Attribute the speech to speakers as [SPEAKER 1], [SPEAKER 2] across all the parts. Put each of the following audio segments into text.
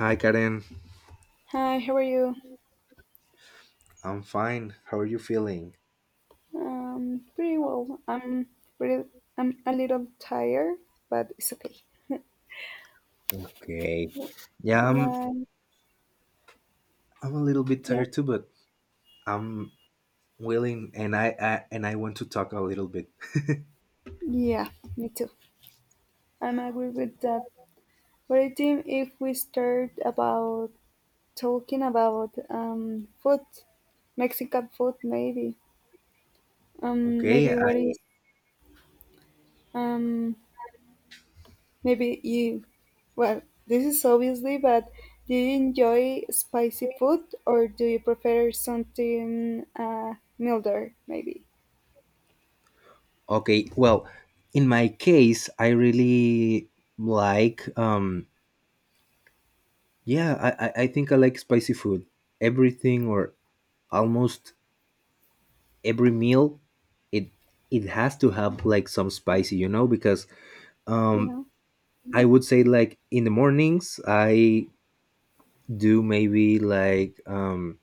[SPEAKER 1] Hi, Karen.
[SPEAKER 2] Hi, how are you?
[SPEAKER 1] I'm fine. How are you feeling?
[SPEAKER 2] Pretty well. Pretty, I'm a little tired, but it's okay.
[SPEAKER 1] Okay. Yeah, I'm.
[SPEAKER 2] Like,
[SPEAKER 1] I'm a little bit
[SPEAKER 2] yeah,
[SPEAKER 1] tired too, but I'm willing, and I want to talk a little bit.
[SPEAKER 2] yeah, me too. I'm agree with that. What I think if we start about talking about food, Mexican food, maybe.
[SPEAKER 1] Okay.
[SPEAKER 2] Maybe what is
[SPEAKER 1] I.
[SPEAKER 2] um Maybe you, this is obviously, but do you enjoy spicy food or do you prefer something milder, maybe?
[SPEAKER 1] Okay. Well, in my case, I really like. Yeah. I think I like spicy food. Everything or almost every meal, it it has to have like some spicy, because um
[SPEAKER 2] Yeah,
[SPEAKER 1] I would say like in the mornings I do maybe like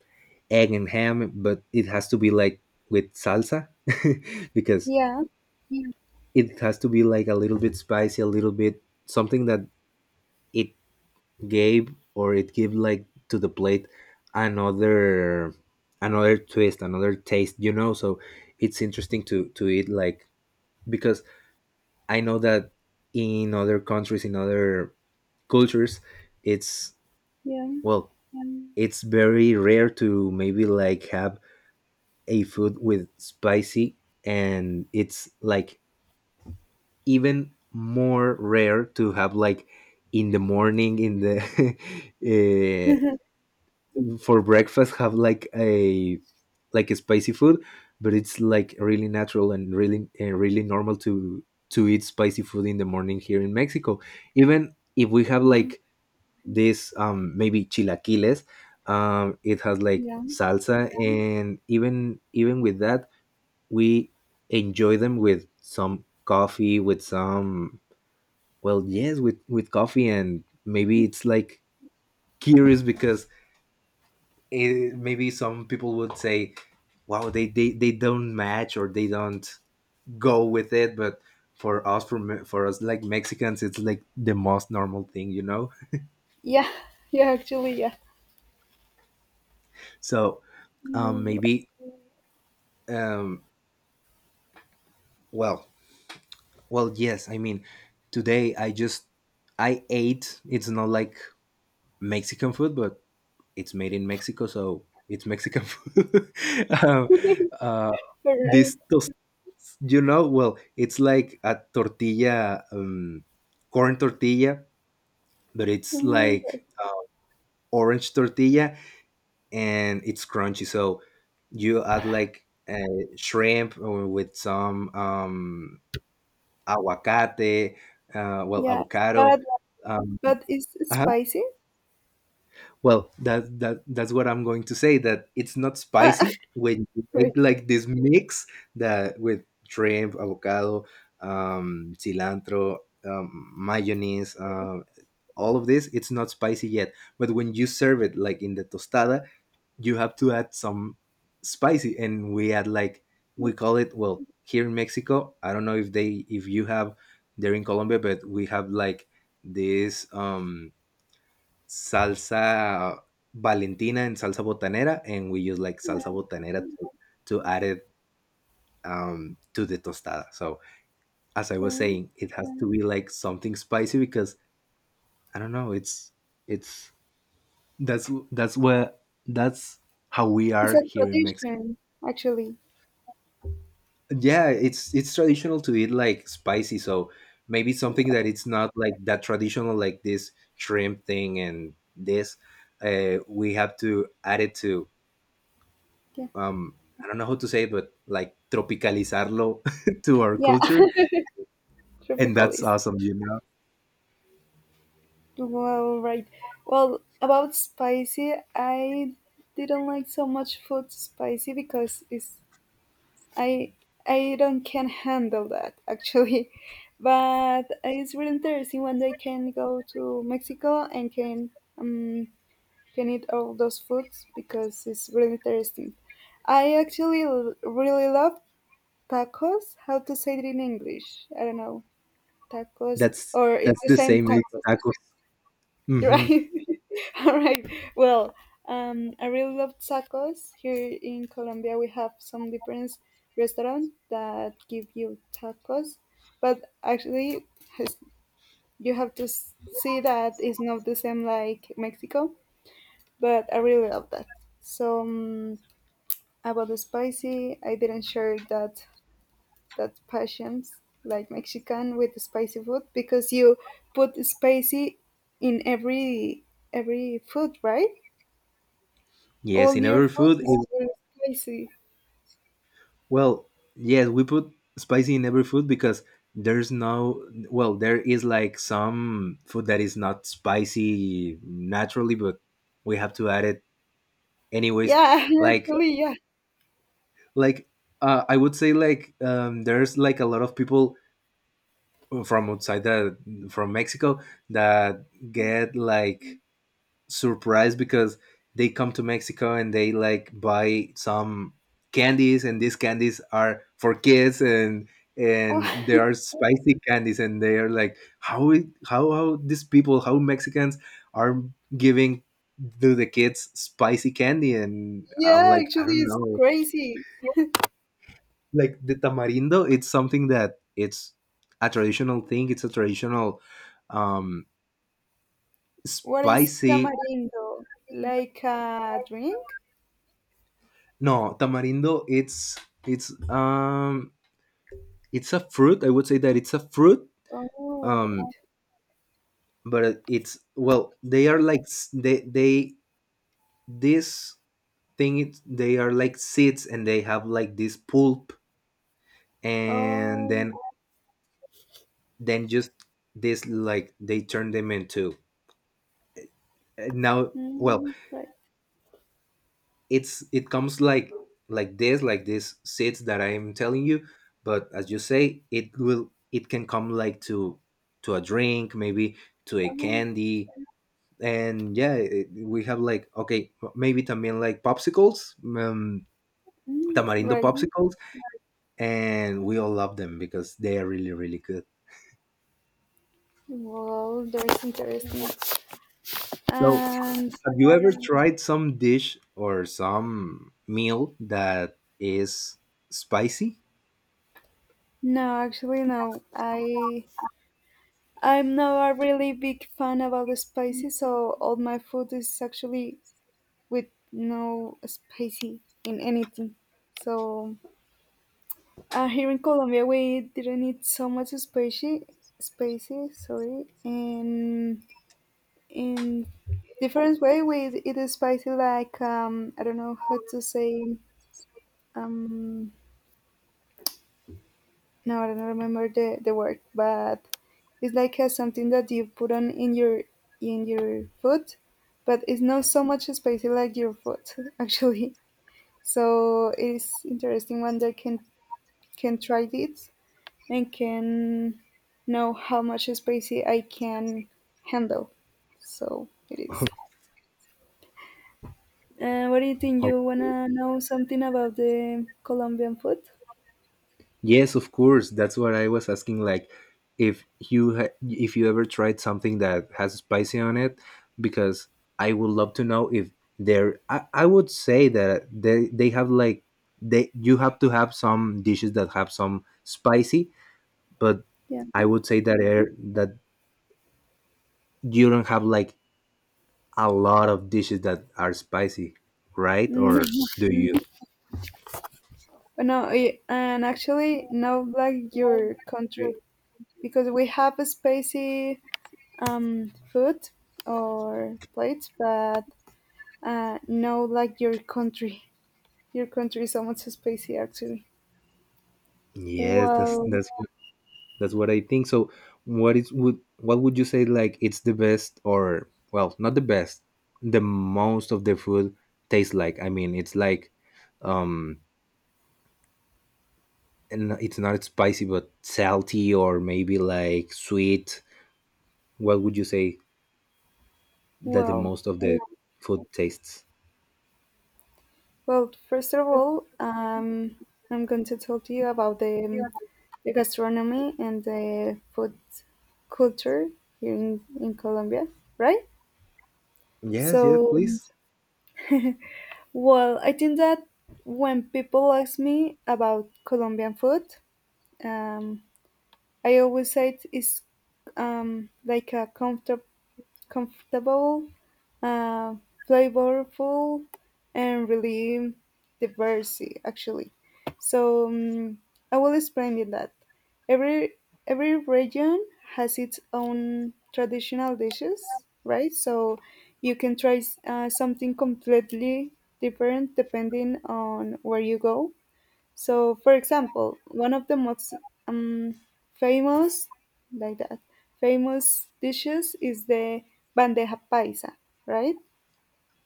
[SPEAKER 1] egg and ham, but it has to be like with salsa because
[SPEAKER 2] yeah,
[SPEAKER 1] it has to be like a little bit spicy, a little bit something that it gave or it give like to the plate another another twist, another taste. So it's interesting to eat like because I know that in other countries, in other cultures, it's
[SPEAKER 2] yeah,
[SPEAKER 1] well, it's very rare to maybe like have a food with spicy and it's like even more rare to have like in the morning in the for breakfast have like a spicy food, but it's like really natural and really normal to eat spicy food in the morning here in Mexico, even if we have
[SPEAKER 2] yeah,
[SPEAKER 1] like this maybe chilaquiles. It has like
[SPEAKER 2] yeah,
[SPEAKER 1] salsa, and even with that we enjoy them with some coffee, with some, well, yes, with coffee. And maybe it's like curious, because maybe some people would say, wow, they don't match, or they don't go with it. But for us, like Mexicans, it's like the most normal thing.
[SPEAKER 2] yeah, yeah, actually, yeah.
[SPEAKER 1] So
[SPEAKER 2] All right.
[SPEAKER 1] maybe, um well well, yes, I mean, today I ate, it's not like Mexican food, but it's made in Mexico, so it's Mexican food. um, uh,
[SPEAKER 2] All right.
[SPEAKER 1] this tos- well, it's like a tortilla, corn tortilla, but it's
[SPEAKER 2] All right.
[SPEAKER 1] like orange tortilla, and it's crunchy. So you add like shrimp, or with some aguacate, well,
[SPEAKER 2] Yeah,
[SPEAKER 1] avocado.
[SPEAKER 2] but
[SPEAKER 1] Um,
[SPEAKER 2] is spicy?
[SPEAKER 1] Well, that's what I'm going to say. That it's not
[SPEAKER 2] Uh,
[SPEAKER 1] spicy when you
[SPEAKER 2] right.
[SPEAKER 1] make like this mix, that with shrimp, avocado, cilantro, mayonnaise, all of this. It's not spicy yet, but when you serve it like in the tostada, you have to add some spicy, and we add like, we call it. Well, here in Mexico, I don't know if you have there in Colombia, but we have like this. Salsa Valentina and salsa botanera, and we use like
[SPEAKER 2] Yeah,
[SPEAKER 1] salsa botanera to add it, to the tostada. So, as I was
[SPEAKER 2] right.
[SPEAKER 1] saying, it has to be like something spicy, because I don't know. It's, that's that's where that's how we
[SPEAKER 2] It's
[SPEAKER 1] are
[SPEAKER 2] a
[SPEAKER 1] here in Mexico.
[SPEAKER 2] tradition, actually.
[SPEAKER 1] Yeah, it's traditional to eat like spicy. So maybe something that it's not like that traditional, like this shrimp thing and this. We have to add it to,
[SPEAKER 2] Yeah.
[SPEAKER 1] um I don't know how to say it, but like tropicalizarlo to our
[SPEAKER 2] Yeah.
[SPEAKER 1] culture, and
[SPEAKER 2] Tropical
[SPEAKER 1] that's
[SPEAKER 2] is.
[SPEAKER 1] awesome.
[SPEAKER 2] Well, right. Well, about spicy, I didn't like so much food spicy because it's I I don't can handle that actually. But it's really interesting when they can go to Mexico and um can eat all those foods because it's really interesting. I actually really love tacos. How to say it in English? I don't know. Tacos
[SPEAKER 1] That's
[SPEAKER 2] or it's
[SPEAKER 1] that's
[SPEAKER 2] the
[SPEAKER 1] the
[SPEAKER 2] same
[SPEAKER 1] same with
[SPEAKER 2] tacos.
[SPEAKER 1] tacos. hmm
[SPEAKER 2] Right. All right. Well, I really love tacos. Here in Colombia, we have some different restaurants that give you tacos, but actually, has- you have to see that it's not the same like Mexico. But I really love that. So about the spicy, I didn't share that passions like Mexican with the spicy food because you put spicy in every food, right?
[SPEAKER 1] Yes,
[SPEAKER 2] All
[SPEAKER 1] in
[SPEAKER 2] your
[SPEAKER 1] every
[SPEAKER 2] photos
[SPEAKER 1] food.
[SPEAKER 2] is very spicy.
[SPEAKER 1] Well, yes, we put spicy in every food, because there's no. Well, there is like some food that is not spicy naturally, but we have to add it anyways.
[SPEAKER 2] Yeah,
[SPEAKER 1] Like
[SPEAKER 2] actually, yeah.
[SPEAKER 1] like I would say, like, there's like a lot of people from outside the from Mexico that get like surprised, because they come to Mexico and they like buy some candies, and these candies are for kids, and they
[SPEAKER 2] Oh,
[SPEAKER 1] are spicy candies, and they are like, how it- how these people how Mexicans are giving to the kids spicy candy, and I'm
[SPEAKER 2] yeah,
[SPEAKER 1] like, I
[SPEAKER 2] actually,
[SPEAKER 1] don't
[SPEAKER 2] it's
[SPEAKER 1] know.
[SPEAKER 2] crazy.
[SPEAKER 1] Like the tamarindo, it's something that it's a traditional thing. It's a traditional um
[SPEAKER 2] What is
[SPEAKER 1] spicy.
[SPEAKER 2] tamarindo? Like a drink?
[SPEAKER 1] No, tamarindo, it's, it's um it's a fruit, I would say that it's a fruit.
[SPEAKER 2] Oh,
[SPEAKER 1] um
[SPEAKER 2] right.
[SPEAKER 1] but it's, well, they are like, they, this thing, they are like seeds, and they have like this pulp, and
[SPEAKER 2] Oh,
[SPEAKER 1] then, just this, like they turn them into, now, well,
[SPEAKER 2] mm, right.
[SPEAKER 1] it comes like, this like this seeds that I am telling you, but as you say, it can come like to a drink, maybe, to a
[SPEAKER 2] Oh,
[SPEAKER 1] candy. And, yeah, we have like, okay, maybe también like popsicles,
[SPEAKER 2] mm,
[SPEAKER 1] tamarindo
[SPEAKER 2] right.
[SPEAKER 1] popsicles, and we all love them because they are really really good.
[SPEAKER 2] Well, that's interesting.
[SPEAKER 1] So,
[SPEAKER 2] And
[SPEAKER 1] have you ever tried some dish or some meal that is spicy,
[SPEAKER 2] no, actually, no. I I'm not a really big fan about the spicy, so all my food is actually with no spicy in anything. So here in Colombia, we didn't eat so much spicy, spicy, sorry, and in different way we eat it spicy like I don't know how to say um, no, I don't remember the word, but it's like something that you put on in your food, but it's not so much spicy like your food actually. So it's interesting one that can try this and can know how much space I can handle. So it is. What do you think?
[SPEAKER 1] or
[SPEAKER 2] You wanna know something about the Colombian food?
[SPEAKER 1] Yes, of course. That's what I was asking. Like, if you ever tried something that has spicy on it, because I would love to know if there. I would say that they have like, they you have to have some dishes that have some spicy, but
[SPEAKER 2] Yeah.
[SPEAKER 1] I would say that you don't have like a lot of dishes that are spicy, right?
[SPEAKER 2] Mm,
[SPEAKER 1] Or do you?
[SPEAKER 2] no, eh, and actually, not like your country because we have a spicy food or plates, but no, like your country. Your country is so much spicy, actually.
[SPEAKER 1] Yes,
[SPEAKER 2] Well,
[SPEAKER 1] that's what I think. So, what is would what would you say, like, it's the best, or, well, not the best, the most of the food tastes like? I mean, it's like um and it's not spicy, but salty, or maybe like sweet. What would you say that the
[SPEAKER 2] well,
[SPEAKER 1] most of the food tastes?
[SPEAKER 2] First of all, I'm going to talk to you about the gastronomy and the food culture here in Colombia, right?
[SPEAKER 1] Yes, yes,
[SPEAKER 2] So,
[SPEAKER 1] please.
[SPEAKER 2] well, I think that when people ask me about Colombian food, um, I always say it's like a comfortable, uh, flavorful, and really diverse, actually. So I will explain it that every every region has its own traditional dishes, right? So you can try something completely different depending on where you go. So, for example, one of the most um, famous, like that, famous dishes is the bandeja paisa, right?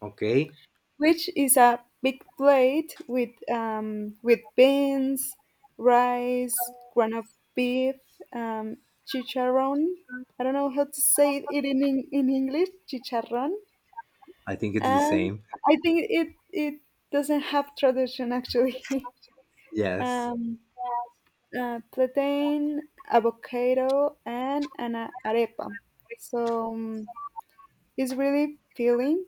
[SPEAKER 1] Okay.
[SPEAKER 2] Which is a big plate with beans, rice, ground-up beef, um, chicharron. I don't know how to say it in in English, chicharron.
[SPEAKER 1] I think it's the
[SPEAKER 2] And
[SPEAKER 1] same.
[SPEAKER 2] I think it doesn't have traduction actually.
[SPEAKER 1] Yes.
[SPEAKER 2] um, plantain, avocado, and an arepa. So it's really filling,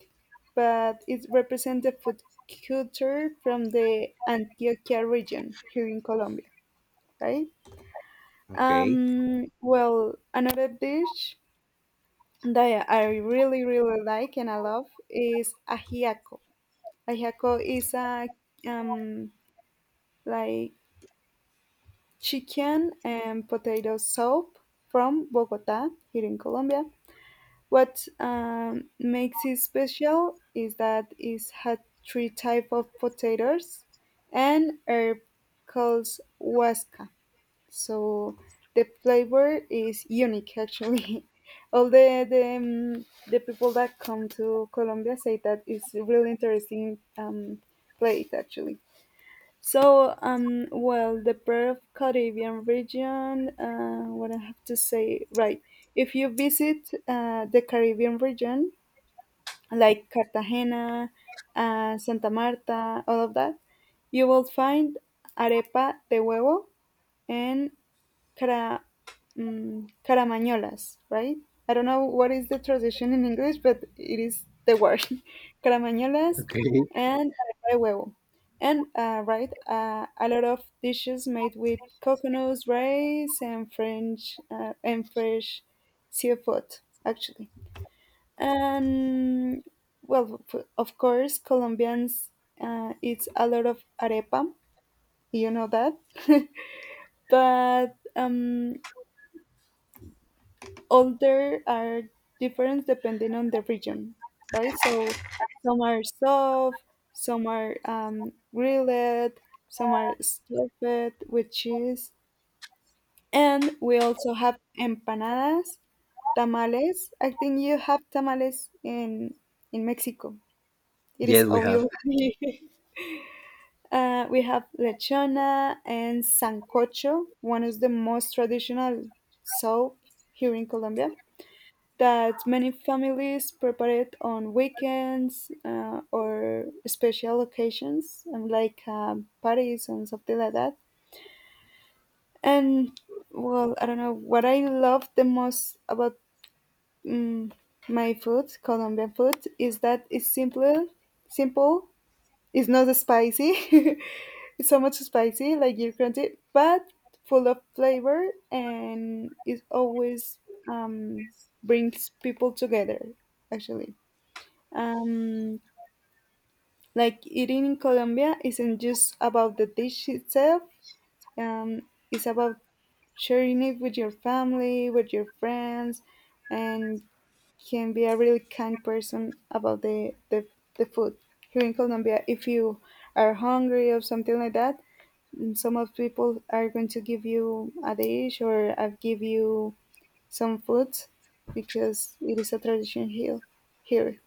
[SPEAKER 2] but it represents the food culture from the Antioquia region here in Colombia, right?
[SPEAKER 1] Okay.
[SPEAKER 2] Well, another dish that I really like and I love is ajiaco. Ajiaco is a um, like chicken and potato soup from Bogota, here in Colombia. What makes it special is that it had three type of potatoes and herb called huasca. So the flavor is unique, actually. All the people that come to Colombia say that it's really interesting plate, actually. So, well, the Pearl of Caribbean region, what I have to say, right? If you visit the Caribbean region, like Cartagena, Santa Marta, all of that, you will find arepa de huevo and cara, caramañolas, right? I don't know what is the translation in English, but it is the word caramañolas
[SPEAKER 1] Okay.
[SPEAKER 2] and arepa de huevo. And right, a lot of dishes made with coconuts, rice, and French and fresh seafood, actually. And well, of course, Colombians eat a lot of arepa. You know that, but all there are different depending on the region, right? So some are soft, some are grilled, some are stuffed with cheese, and we also have empanadas, tamales. I think you have tamales in Mexico. It is
[SPEAKER 1] Yes, we have.
[SPEAKER 2] obvious. We have lechona and sancocho, one is the most traditional soup here in Colombia, that many families prepare it on weekends or special occasions, and like parties and something like that. And well, I don't know what I love the most about um, my food, Colombian food, is that it's simple. It's not spicy. it's so much spicy, like you're crunchy, but full of flavor, and it always um, brings people together. Actually. Um, like eating in Colombia isn't just about the dish itself, um, it's about sharing it with your family, with your friends, and can be a really kind person about the food. Here in Colombia, if you are hungry or something like that, mm, some of people are going to give you a dish or I give you some food because it is a tradition Here.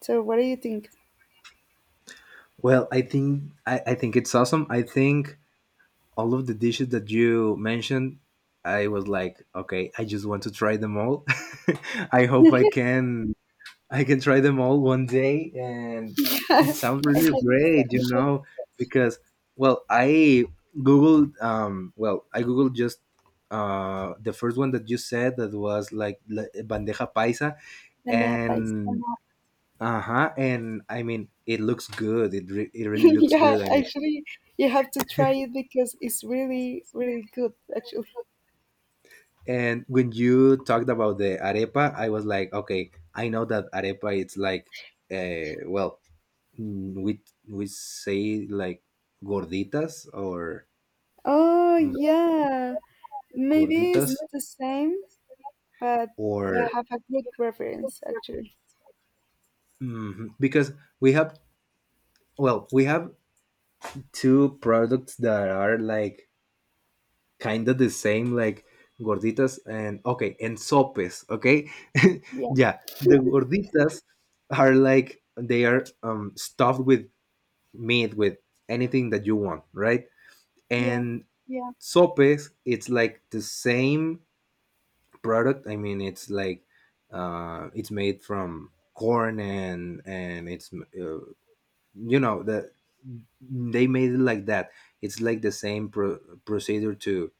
[SPEAKER 2] So what do you think?
[SPEAKER 1] Well, I think it's awesome. I think all of the dishes that you mentioned, I was like, okay, I just want to try them all. I hope I can try them all one day, and
[SPEAKER 2] I have
[SPEAKER 1] it sounds really
[SPEAKER 2] the
[SPEAKER 1] great,
[SPEAKER 2] same,
[SPEAKER 1] because, well, I well, I googled just the first one that you said, that was like bandeja paisa,
[SPEAKER 2] and I have ice.
[SPEAKER 1] and uh-huh, and I mean, it looks good. It really looks
[SPEAKER 2] yeah,
[SPEAKER 1] good. I mean,
[SPEAKER 2] actually, you have to try it because it's really good, actually.
[SPEAKER 1] and when you talked about the arepa, I was like, okay, I know that arepa it's like, well, mm, we we say like gorditas, or,
[SPEAKER 2] Oh,
[SPEAKER 1] mm,
[SPEAKER 2] yeah. Maybe
[SPEAKER 1] gorditas,
[SPEAKER 2] it's the same, but you
[SPEAKER 1] or,
[SPEAKER 2] have a good reference, actually.
[SPEAKER 1] Mhm. Because we have, we have two products that are like kind of the same, like gorditas and, okay, and sopes, okay,
[SPEAKER 2] Yeah,
[SPEAKER 1] yeah, the gorditas are like, they are stuffed with meat, with anything that you want, right?
[SPEAKER 2] yeah,
[SPEAKER 1] And sopes, it's like the same product. I mean, it's like, it's made from corn, and it's, you know the they made it like that. It's like the same procedure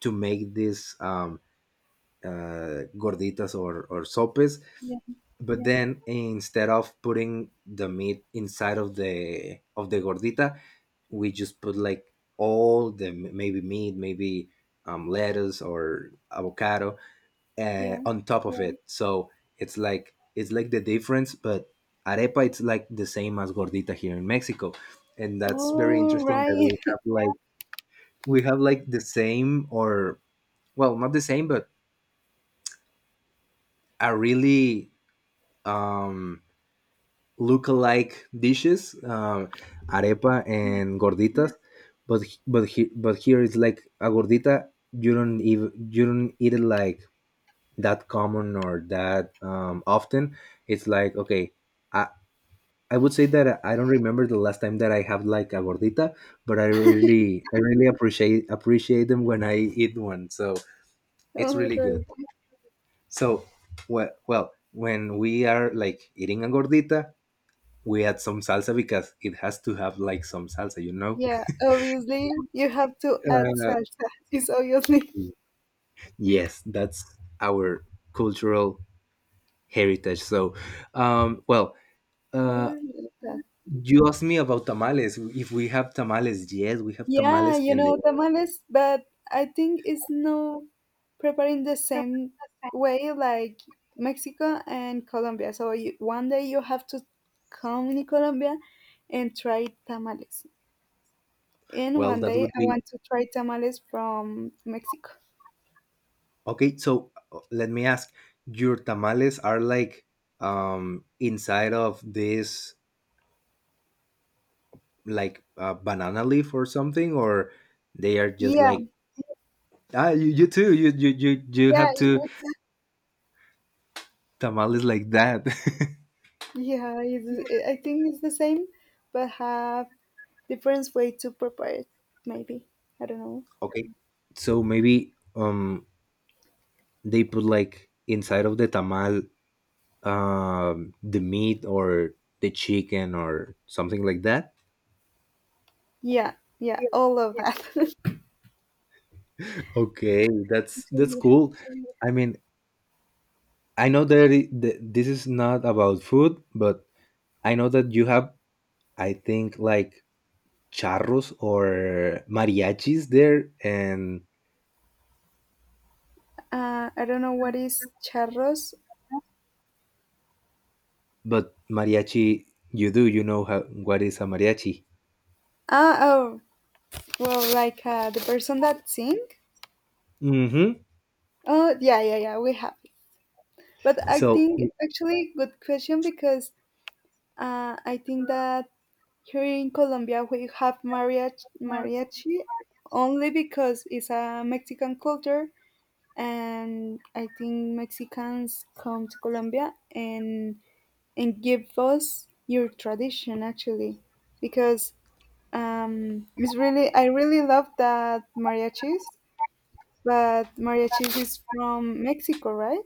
[SPEAKER 1] to make this, gorditas or sopes,
[SPEAKER 2] yeah,
[SPEAKER 1] but then, instead of putting the meat inside of the gordita, we just put like all the, maybe meat, maybe lettuce or avocado,
[SPEAKER 2] yeah.
[SPEAKER 1] on top of, yeah, it. So it's like the difference. But arepa, it's like the same as gordita here in Mexico, and that's very, oh,
[SPEAKER 2] All
[SPEAKER 1] interesting that
[SPEAKER 2] right.
[SPEAKER 1] we have like, we have like the same, or, well, not the same, but a really um look-alike dishes, arepa
[SPEAKER 2] Yeah,
[SPEAKER 1] and gorditas. But h- but he, but here it's like a gordita. You don't eat it like that common, or that, often. It's like, okay, I I would say that I don't remember the last time that I have like a gordita, but I really appreciate them when I eat one. So it's
[SPEAKER 2] all
[SPEAKER 1] really
[SPEAKER 2] right.
[SPEAKER 1] good. So, well, when we are like eating a gordita, we add some salsa because it has to have like some salsa, you know?
[SPEAKER 2] Yeah, obviously, you have to add
[SPEAKER 1] Uh,
[SPEAKER 2] salsa. It's obviously.
[SPEAKER 1] yes, that's our cultural heritage. So, well,
[SPEAKER 2] I
[SPEAKER 1] uh,
[SPEAKER 2] really like that.
[SPEAKER 1] you asked me about tamales. If we have tamales, yes, we have
[SPEAKER 2] Yeah,
[SPEAKER 1] tamales.
[SPEAKER 2] you
[SPEAKER 1] And
[SPEAKER 2] know,
[SPEAKER 1] then,
[SPEAKER 2] tamales, but I think it's no preparing the same way like Mexico and Colombia. So you, one day you have to come in Colombia and try tamales. And
[SPEAKER 1] well,
[SPEAKER 2] one
[SPEAKER 1] that
[SPEAKER 2] day
[SPEAKER 1] would
[SPEAKER 2] I
[SPEAKER 1] be
[SPEAKER 2] want to try tamales from Mexico.
[SPEAKER 1] okay. So, let me ask, your tamales are like, inside of this like, banana leaf or something, or they are just
[SPEAKER 2] Yeah,
[SPEAKER 1] like, ah, you too. You
[SPEAKER 2] yeah,
[SPEAKER 1] have
[SPEAKER 2] it
[SPEAKER 1] to
[SPEAKER 2] would,
[SPEAKER 1] tamales like that.
[SPEAKER 2] yeah, it's, I think it's the same, but have different way to prepare it, maybe. I don't know.
[SPEAKER 1] Okay, so maybe, they put like inside of the tamal the meat, or the chicken, or something like that.
[SPEAKER 2] Yeah, yeah, all of that.
[SPEAKER 1] Okay, that's cool. I mean, I know that, this is not about food, but I know that you have, I think, like charros or mariachis there, and
[SPEAKER 2] I don't know what is charros.
[SPEAKER 1] but mariachi, you know how what is a mariachi?
[SPEAKER 2] Ah, oh, well, like the person that sing.
[SPEAKER 1] Mhm.
[SPEAKER 2] Oh, yeah. We have it. But I
[SPEAKER 1] So,
[SPEAKER 2] think actually good question because I think that here in Colombia we have mariachi only because it's a Mexican culture, and I think Mexicans come to Colombia and give us your tradition actually because it's really I really love that mariachis, but mariachis is from Mexico, right?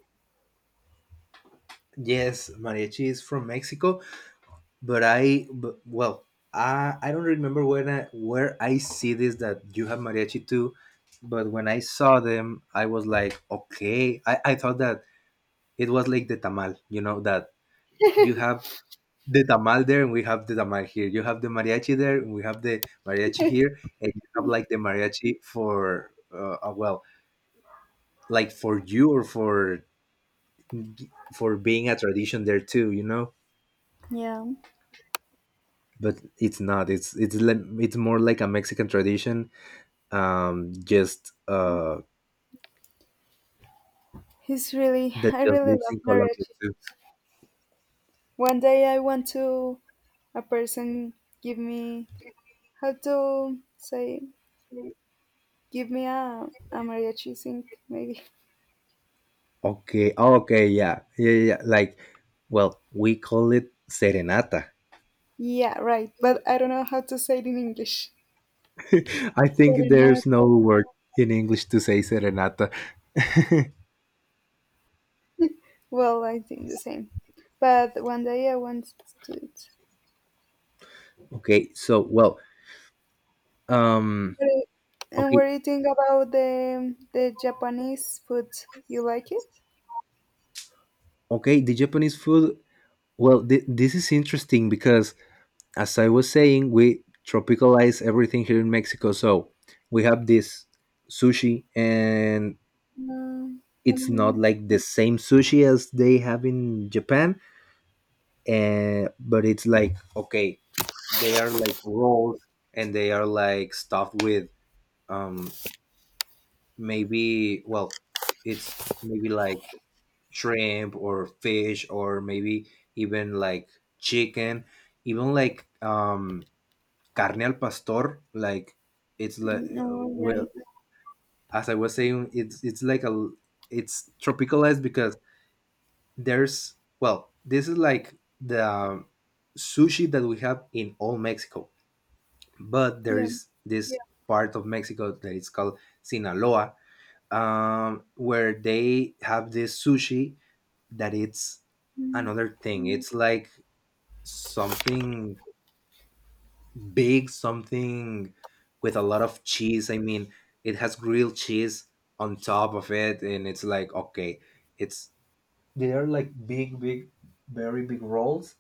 [SPEAKER 1] yes, mariachi is from Mexico, but, well, I don't remember when I where I see this that you have mariachi too, but when I saw them, I was like, okay, I thought that it was like the tamal, that you have the tamal there and we have the tamal here. You have the mariachi there and we have the mariachi here, and you have like the mariachi for, well, like for you, or for being a tradition there too.
[SPEAKER 2] Yeah.
[SPEAKER 1] But it's not. It's more like a Mexican tradition. Just
[SPEAKER 2] He's really
[SPEAKER 1] That
[SPEAKER 2] I
[SPEAKER 1] just
[SPEAKER 2] really
[SPEAKER 1] lives
[SPEAKER 2] love
[SPEAKER 1] in Colombia
[SPEAKER 2] mariachis.
[SPEAKER 1] too.
[SPEAKER 2] One day I want to a person give me how to say give me a mariachi sing maybe.
[SPEAKER 1] Okay. Oh, okay. Yeah, yeah, yeah, yeah. Well, we call it serenata.
[SPEAKER 2] Yeah, right. But I don't know how to say it in English.
[SPEAKER 1] I think there's
[SPEAKER 2] Serenata.
[SPEAKER 1] no word in English to say serenata.
[SPEAKER 2] Well, I think the same. But one day I want to do it.
[SPEAKER 1] okay. So, well, um,
[SPEAKER 2] What And
[SPEAKER 1] okay.
[SPEAKER 2] what do you think about the Japanese food? You like it?
[SPEAKER 1] Okay. The Japanese food. Well, this is interesting because as I was saying, we tropicalize everything here in Mexico. So we have this sushi, and
[SPEAKER 2] No, like,
[SPEAKER 1] it's not like the same sushi as they have in Japan, but it's like, okay, they are like rolls and they are like stuffed with um, maybe, well, it's maybe like shrimp or fish or maybe even like chicken, even like carne al pastor. Like it's like
[SPEAKER 2] mm, all
[SPEAKER 1] well
[SPEAKER 2] right.
[SPEAKER 1] As I was saying, it's like a, it's tropicalized because there's, well, this is like the sushi that we have in all Mexico, but there
[SPEAKER 2] Yeah,
[SPEAKER 1] is this part of Mexico that is called Sinaloa, where they have this sushi that it's another thing. It's like something big, something with a lot of cheese. I mean, it has grilled cheese on top of it, and it's like, okay, it's they are like big, big, very big rolls,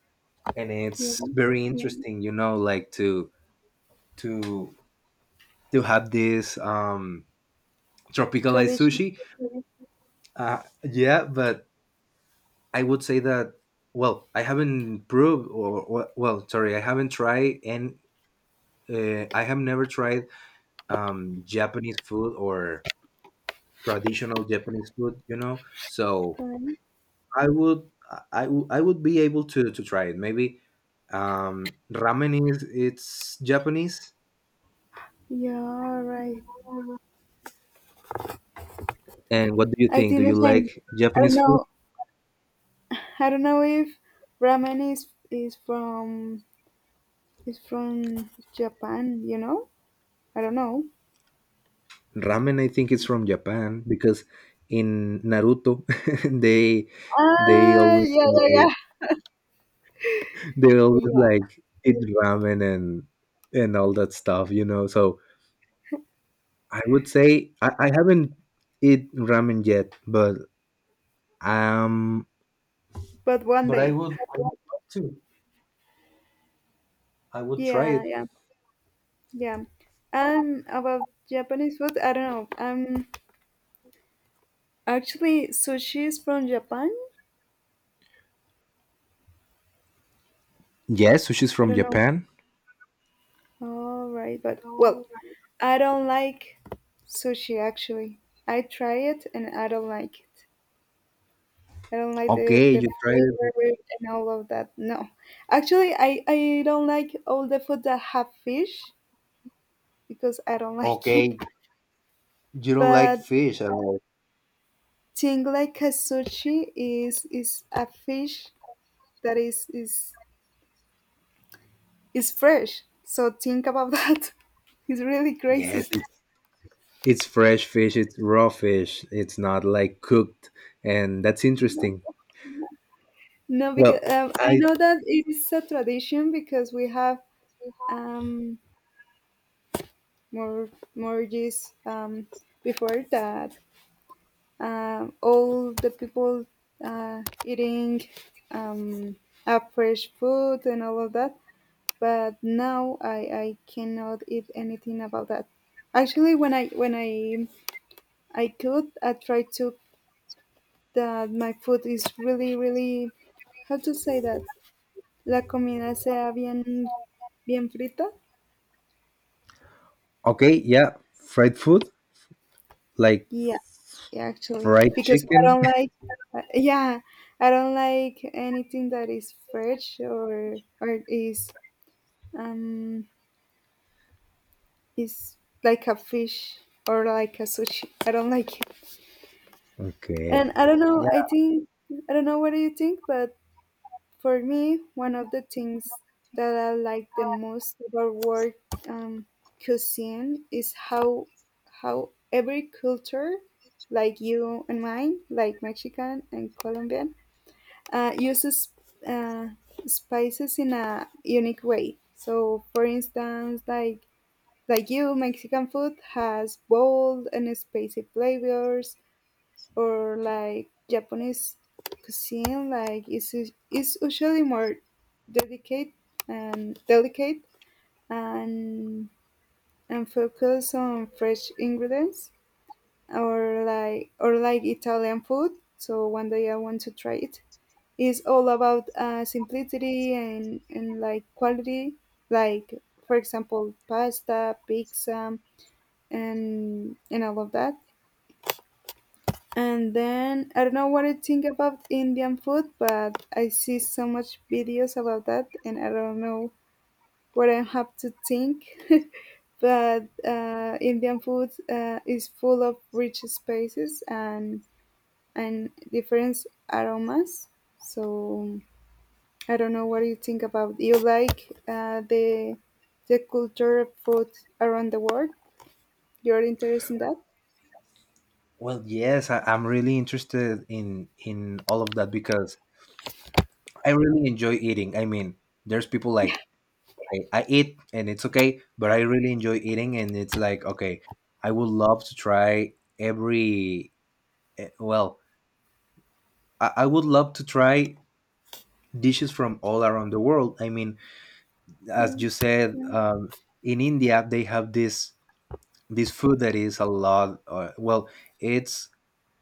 [SPEAKER 1] and
[SPEAKER 2] yeah.
[SPEAKER 1] it's very, yeah, interesting, you know, like to to to have this tropicalized
[SPEAKER 2] Traditional
[SPEAKER 1] sushi. Yeah, but I would say that, well, I haven't proved, or well, sorry, I haven't tried and. I have never tried Japanese food or traditional Japanese food, you know. So
[SPEAKER 2] Japan.
[SPEAKER 1] I would, I would be able to try it. Maybe ramen is it's Japanese.
[SPEAKER 2] Yeah, all right.
[SPEAKER 1] And what do you
[SPEAKER 2] I
[SPEAKER 1] think? Do
[SPEAKER 2] think
[SPEAKER 1] you
[SPEAKER 2] the same.
[SPEAKER 1] like
[SPEAKER 2] I don't
[SPEAKER 1] Japanese food?
[SPEAKER 2] know. I don't know if ramen is from Japan. You know? I don't know.
[SPEAKER 1] Ramen, I think it's from Japan because in Naruto they they always
[SPEAKER 2] Yeah, yeah,
[SPEAKER 1] like,
[SPEAKER 2] yeah.
[SPEAKER 1] they always
[SPEAKER 2] Yeah,
[SPEAKER 1] like eat ramen and all that stuff, you know. So I would say I haven't eat ramen yet, but um
[SPEAKER 2] but one
[SPEAKER 1] but
[SPEAKER 2] day.
[SPEAKER 1] I would love to. I would try
[SPEAKER 2] Yeah,
[SPEAKER 1] it.
[SPEAKER 2] yeah, yeah. About Japanese food, I don't know. Actually, sushi is from Japan.
[SPEAKER 1] Yes, sushi's
[SPEAKER 2] I
[SPEAKER 1] from
[SPEAKER 2] don't know.
[SPEAKER 1] Japan.
[SPEAKER 2] All right, but well, I don't like sushi actually. I try it and I don't like it. I don't like
[SPEAKER 1] Okay,
[SPEAKER 2] the
[SPEAKER 1] you tried it.
[SPEAKER 2] flavor and all of that. No. Actually, I don't like all the food that have fish because I don't like it.
[SPEAKER 1] Okay, you don't like
[SPEAKER 2] But
[SPEAKER 1] fish at all.
[SPEAKER 2] thing like a sushi is a fish that is fresh. So think about that. It's really
[SPEAKER 1] Yes,
[SPEAKER 2] crazy.
[SPEAKER 1] it's fresh fish. It's raw fish. It's not like cooked, and that's
[SPEAKER 2] No.
[SPEAKER 1] interesting.
[SPEAKER 2] No, because
[SPEAKER 1] Well,
[SPEAKER 2] I
[SPEAKER 1] I
[SPEAKER 2] know that it is a tradition because we have um, more mortgages before that. All the people eating um, a fresh food and all of that. But now I cannot eat anything about that. Actually, when I I cook, I try to that my food is really how to say that la comida sea bien frita.
[SPEAKER 1] Okay, yeah, fried food like
[SPEAKER 2] Yeah, yeah, actually,
[SPEAKER 1] fried
[SPEAKER 2] because I
[SPEAKER 1] chicken.
[SPEAKER 2] don't like, yeah, I don't like anything that is fresh or um is like a fish or like a sushi. I don't like it,
[SPEAKER 1] Okay.
[SPEAKER 2] and I don't know.
[SPEAKER 1] Yeah,
[SPEAKER 2] I think I don't know. What do you think? But for me, one of the things that I like the most about world um, cuisine is how every culture, like you and mine, like Mexican and Colombian, uses uh, spices in a unique way. So, for instance, like you, Mexican food has bold and spicy flavors, or like Japanese cuisine, is usually more delicate delicate and focus on fresh ingredients or like Italian food. So one day I want to try it. It's all about simplicity and like quality, like for example pasta, pizza, and all of that. And then I don't know what I think about Indian food, but I see so much videos about that, and I don't know what I have to think. But Indian food is full of rich spices and different aromas. So I don't know what you think about. You like the culture of food around the world? You're interested in that?
[SPEAKER 1] well, yes, I'm really interested in all of that because I really enjoy eating. I mean, there's people like I eat and it's okay, but I really enjoy eating and it's like, okay, I would love to try every eh, well, I would love to try dishes from all around the world. I mean, as
[SPEAKER 2] Yeah,
[SPEAKER 1] you said, yeah, in India they have this, this food that is a lot. It's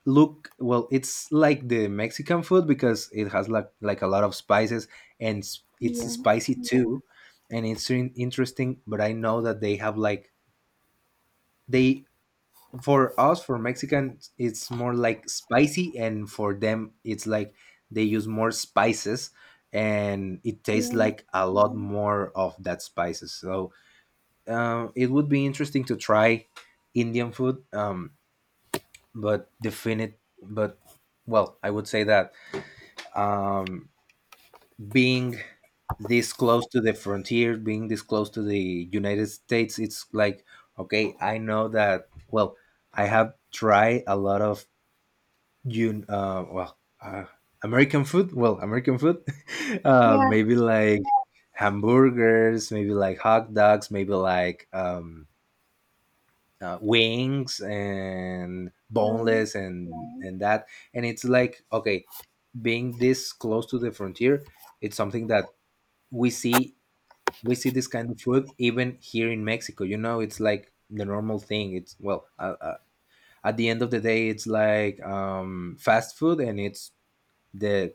[SPEAKER 1] well, it's like the Mexican food because it has like a lot of spices and it's
[SPEAKER 2] yeah,
[SPEAKER 1] spicy, yeah, too, and it's interesting. But I know that they have like, they for us, for Mexicans, it's more like spicy, and for them it's like they use more spices and it tastes
[SPEAKER 2] yeah,
[SPEAKER 1] like a lot more of that spices. So it would be interesting to try Indian food, but I would say that, um, being this close to the frontier, being this close to the United States, it's like, okay, I know that. Well, I have tried a lot of, you well American food. Well, American food
[SPEAKER 2] yeah.
[SPEAKER 1] maybe like hamburgers, maybe like hot dogs, maybe like, wings and
[SPEAKER 2] Right.
[SPEAKER 1] boneless and that. And it's like, okay, being this close to the frontier, it's something that we see we see this kind of food even here in Mexico. You know, it's like the normal thing. It's, at the end of the day, it's like fast food, and it's the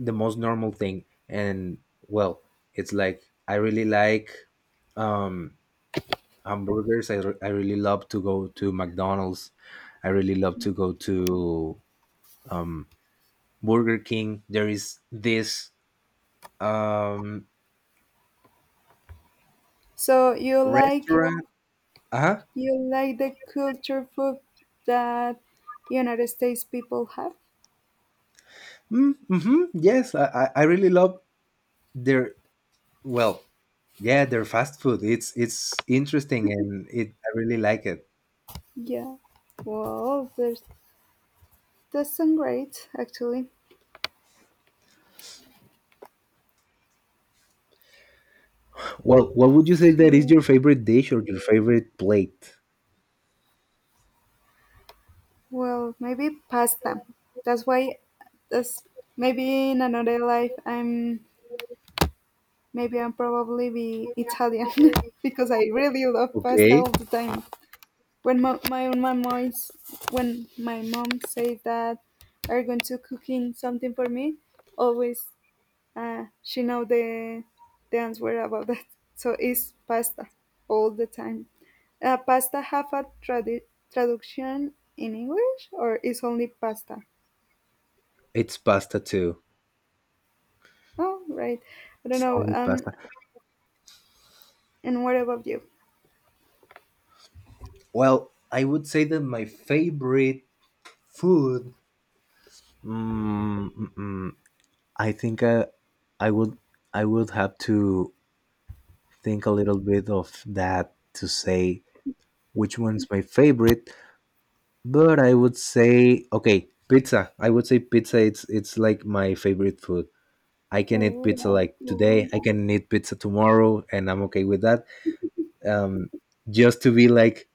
[SPEAKER 1] the most normal thing. And well, it's like I really like, um hamburgers. I really love to go to McDonald's. I really love to go to, um Burger King. There is this um
[SPEAKER 2] So you like
[SPEAKER 1] restaurant. Uh-huh.
[SPEAKER 2] The culture food that United States people have?
[SPEAKER 1] Mm, mm-hmm, yes, I, I really love their, well, yeah, their fast food. It's interesting and it I really like it.
[SPEAKER 2] Yeah. Well, there's that's some great actually.
[SPEAKER 1] Well, what would you say that is
[SPEAKER 2] So
[SPEAKER 1] your favorite dish or your favorite plate?
[SPEAKER 2] well, maybe pasta. That's why that's maybe in another life I'm maybe I'm probably be Italian because I really love pasta
[SPEAKER 1] Okay,
[SPEAKER 2] all the time. When my mom when my mom say that are going to cooking something for me, always she know the answer about that. So it's pasta all the time. Pasta have a traduction in English or is only pasta?
[SPEAKER 1] it's pasta too.
[SPEAKER 2] Oh, right. I don't
[SPEAKER 1] It's
[SPEAKER 2] know.
[SPEAKER 1] only pasta.
[SPEAKER 2] And what about you?
[SPEAKER 1] Well, I would say that my favorite food. Mm, mm, mm, I think I would, I would have to think a little bit of that to say which one's my favorite. But I would say, okay, pizza. I would say pizza. It's like my favorite food. I can eat pizza
[SPEAKER 2] Oh,
[SPEAKER 1] like today. I can eat pizza tomorrow, and I'm okay with that. Um, just to be like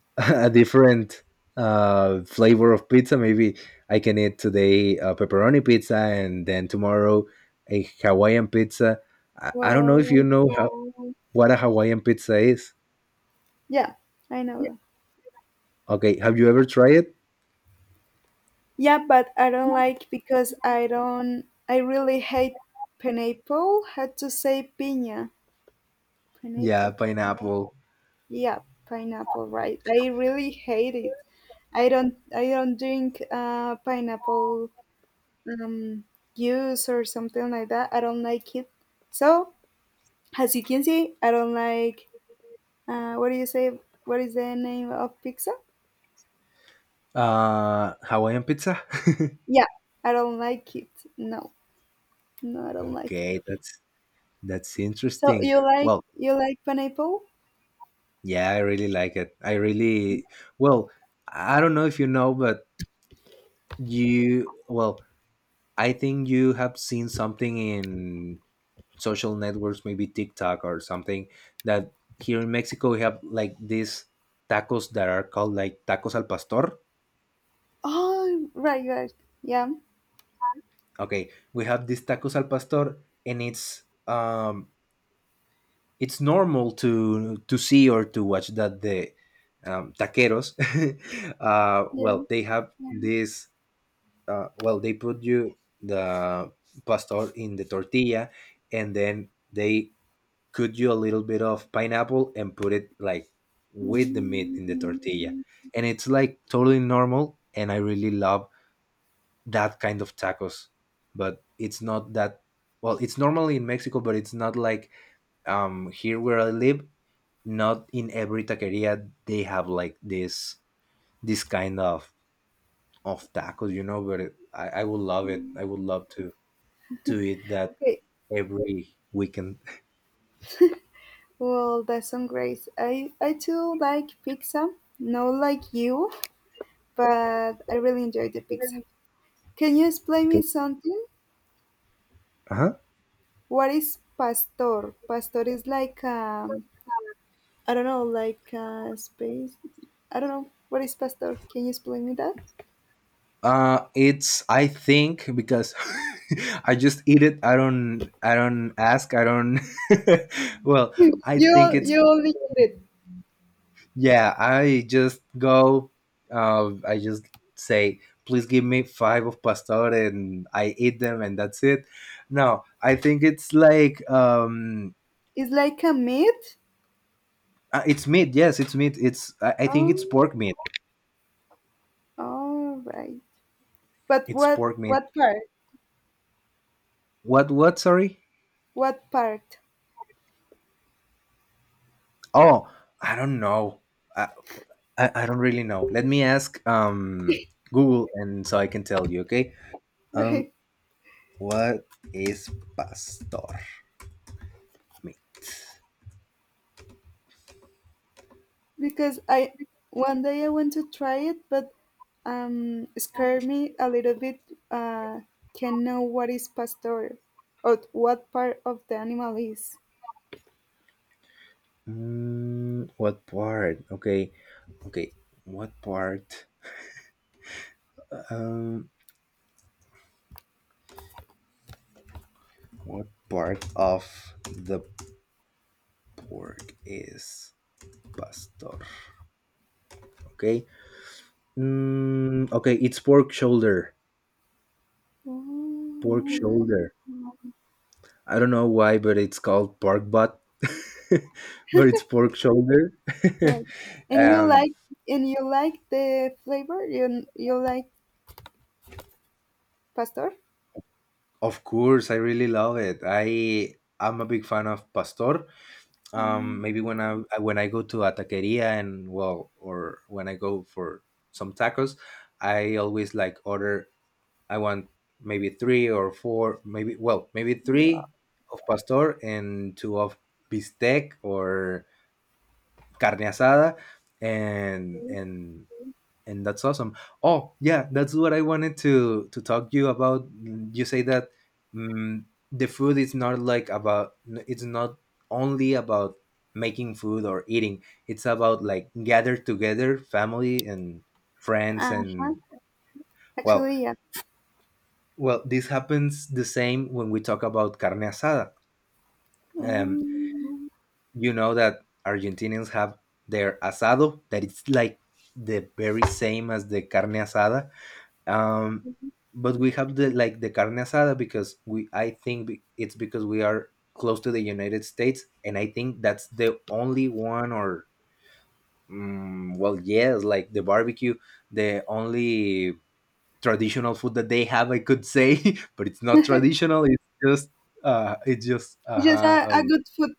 [SPEAKER 1] a different flavor of pizza. Maybe I can eat today a pepperoni pizza and then tomorrow a Hawaiian pizza. I don't know if you
[SPEAKER 2] Well,
[SPEAKER 1] know what a Hawaiian pizza is.
[SPEAKER 2] yeah, I know that.
[SPEAKER 1] Okay, have you ever tried it?
[SPEAKER 2] Yeah, but I don't like because I don't. I really hate pineapple. Had to say
[SPEAKER 1] Yeah,
[SPEAKER 2] pineapple.
[SPEAKER 1] pineapple.
[SPEAKER 2] Yeah, pineapple rice. I really hate it. I don't drink pineapple um juice or something like that. I don't like it. So as you can see, I don't like what do you say what is the name of pizza?
[SPEAKER 1] Hawaiian pizza.
[SPEAKER 2] Yeah, I don't like it. No, No I don't like
[SPEAKER 1] Okay,
[SPEAKER 2] it.
[SPEAKER 1] that's
[SPEAKER 2] So
[SPEAKER 1] interesting.
[SPEAKER 2] you like
[SPEAKER 1] Well,
[SPEAKER 2] pineapple?
[SPEAKER 1] yeah, I really like it. I really, well. I don't know if you know, but you well I think you have seen something in social networks, maybe TikTok or something, that here in Mexico we have like these tacos that are called like tacos al pastor.
[SPEAKER 2] Oh right. Yeah.
[SPEAKER 1] Okay, we have these tacos al pastor, and it's normal to see or to watch that the taqueros,
[SPEAKER 2] Yeah.
[SPEAKER 1] well, they have this, well, they put you the pastor in the tortilla, and then they cut you a little bit of pineapple and put it like with the meat
[SPEAKER 2] Mm,
[SPEAKER 1] in the tortilla. And it's like totally normal. And I really love that kind of tacos. But it's not that, well, it's normally in Mexico, but it's not like, here where I live, not in every taqueria they have like this kind of tacos, you know, but I would love it. I would love to eat that
[SPEAKER 2] okay.
[SPEAKER 1] every weekend.
[SPEAKER 2] Well, that's some grace. I too like pizza, not like you, but I really enjoy the pizza. Can you explain me
[SPEAKER 1] Okay.
[SPEAKER 2] something?
[SPEAKER 1] Uh-huh.
[SPEAKER 2] What is pastor? Pastor is like I don't know, like space. I don't know. What is pastor? Can you explain me that?
[SPEAKER 1] It's, I think, because I just eat it. I don't ask. I don't. Well, I think it's,
[SPEAKER 2] You only get it.
[SPEAKER 1] yeah. I just go. I just say, please give me five of pastor, and I eat them, and that's it. No, I think it's like,
[SPEAKER 2] It's like a meat.
[SPEAKER 1] it's meat. Yes, it's meat. I think it's
[SPEAKER 2] Oh,
[SPEAKER 1] pork meat.
[SPEAKER 2] all right. But
[SPEAKER 1] It's pork meat.
[SPEAKER 2] what part?
[SPEAKER 1] What? What? Sorry.
[SPEAKER 2] What part?
[SPEAKER 1] Oh, I don't know. I I don't really know. Let me ask, Google and so I can tell you, okay? Um,
[SPEAKER 2] Right.
[SPEAKER 1] what is pastor meat?
[SPEAKER 2] Because I one day I want to try it, but scared me a little bit. Uh, can know what is pastor or what part of the animal is.
[SPEAKER 1] Mm, what part? Okay, okay. What part? Um, what part of the pork is pastor? Okay. Mm, okay, it's pork shoulder.
[SPEAKER 2] Oh,
[SPEAKER 1] Pork
[SPEAKER 2] right.
[SPEAKER 1] shoulder. I don't know why, but it's called pork butt, but it's pork shoulder.
[SPEAKER 2] Right. And you
[SPEAKER 1] um,
[SPEAKER 2] like the flavor? You like pastor?
[SPEAKER 1] of course, I really love it. I'm a big fan of pastor.
[SPEAKER 2] Mm,
[SPEAKER 1] Maybe when I go to a taqueria and, well, or when I go for some tacos, I always like order. I want maybe three or four, maybe, well, maybe
[SPEAKER 2] wow.
[SPEAKER 1] three of pastor and two of bistec or carne asada, and and and that's awesome. Oh yeah, that's what I wanted to talk to you about. You say that, mm the food is not like about, it's not only about making food or eating, it's about like gather together family and friends
[SPEAKER 2] Uh-huh.
[SPEAKER 1] and, well,
[SPEAKER 2] Actually, yeah.
[SPEAKER 1] well, this happens the same when we talk about carne asada. um
[SPEAKER 2] Um,
[SPEAKER 1] you know that Argentinians have their asado, that it's like the very same as the carne asada. um but we have the, like, the carne asada because we I think be- it's because we are close to the United States, and I think that's the only one, or, mm, well, yes, like the barbecue, the only traditional food that they have, I could say. But it's not
[SPEAKER 2] it's
[SPEAKER 1] traditional. It's just uh it's just
[SPEAKER 2] just
[SPEAKER 1] uh
[SPEAKER 2] a
[SPEAKER 1] um
[SPEAKER 2] good food.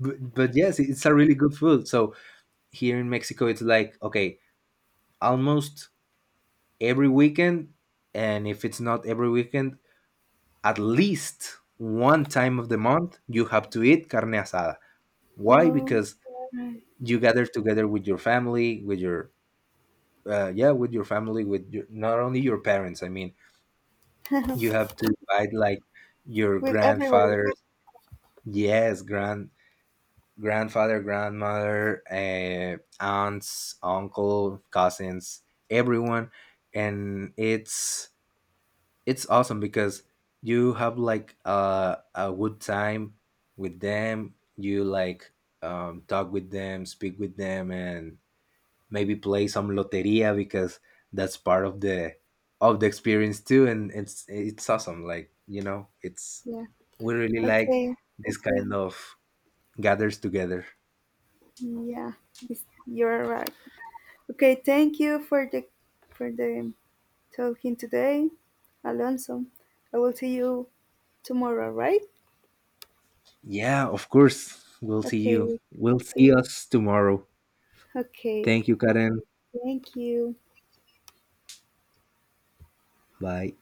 [SPEAKER 1] but yes, it's a really good food. So here in Mexico it's like, okay, almost every weekend, and if it's not every weekend, at least one time of the month you have to eat carne asada. Why?
[SPEAKER 2] Oh,
[SPEAKER 1] Because
[SPEAKER 2] right.
[SPEAKER 1] you gather together with your family, with your, yeah, with your family, with your, not only your parents, I mean, you have to invite like your
[SPEAKER 2] With everybody.
[SPEAKER 1] grandfather. Yes, grandfather, grandmother, aunts, uncle, cousins, everyone. And it's awesome because you have like, a good time with them. You like, talk with them, speak with them, and maybe play some loteria because that's part of the experience too. And it's awesome, like, you know, it's,
[SPEAKER 2] Yeah.
[SPEAKER 1] we really like
[SPEAKER 2] Okay.
[SPEAKER 1] this kind of gathers together.
[SPEAKER 2] Yeah, it's- you're right. Okay, thank you for the talking today, Alonso. I will see you tomorrow, right?
[SPEAKER 1] Yeah, of course,
[SPEAKER 2] Okay, we-
[SPEAKER 1] we'll see us tomorrow.
[SPEAKER 2] okay.
[SPEAKER 1] Thank you, Karen.
[SPEAKER 2] Thank you.
[SPEAKER 1] Bye.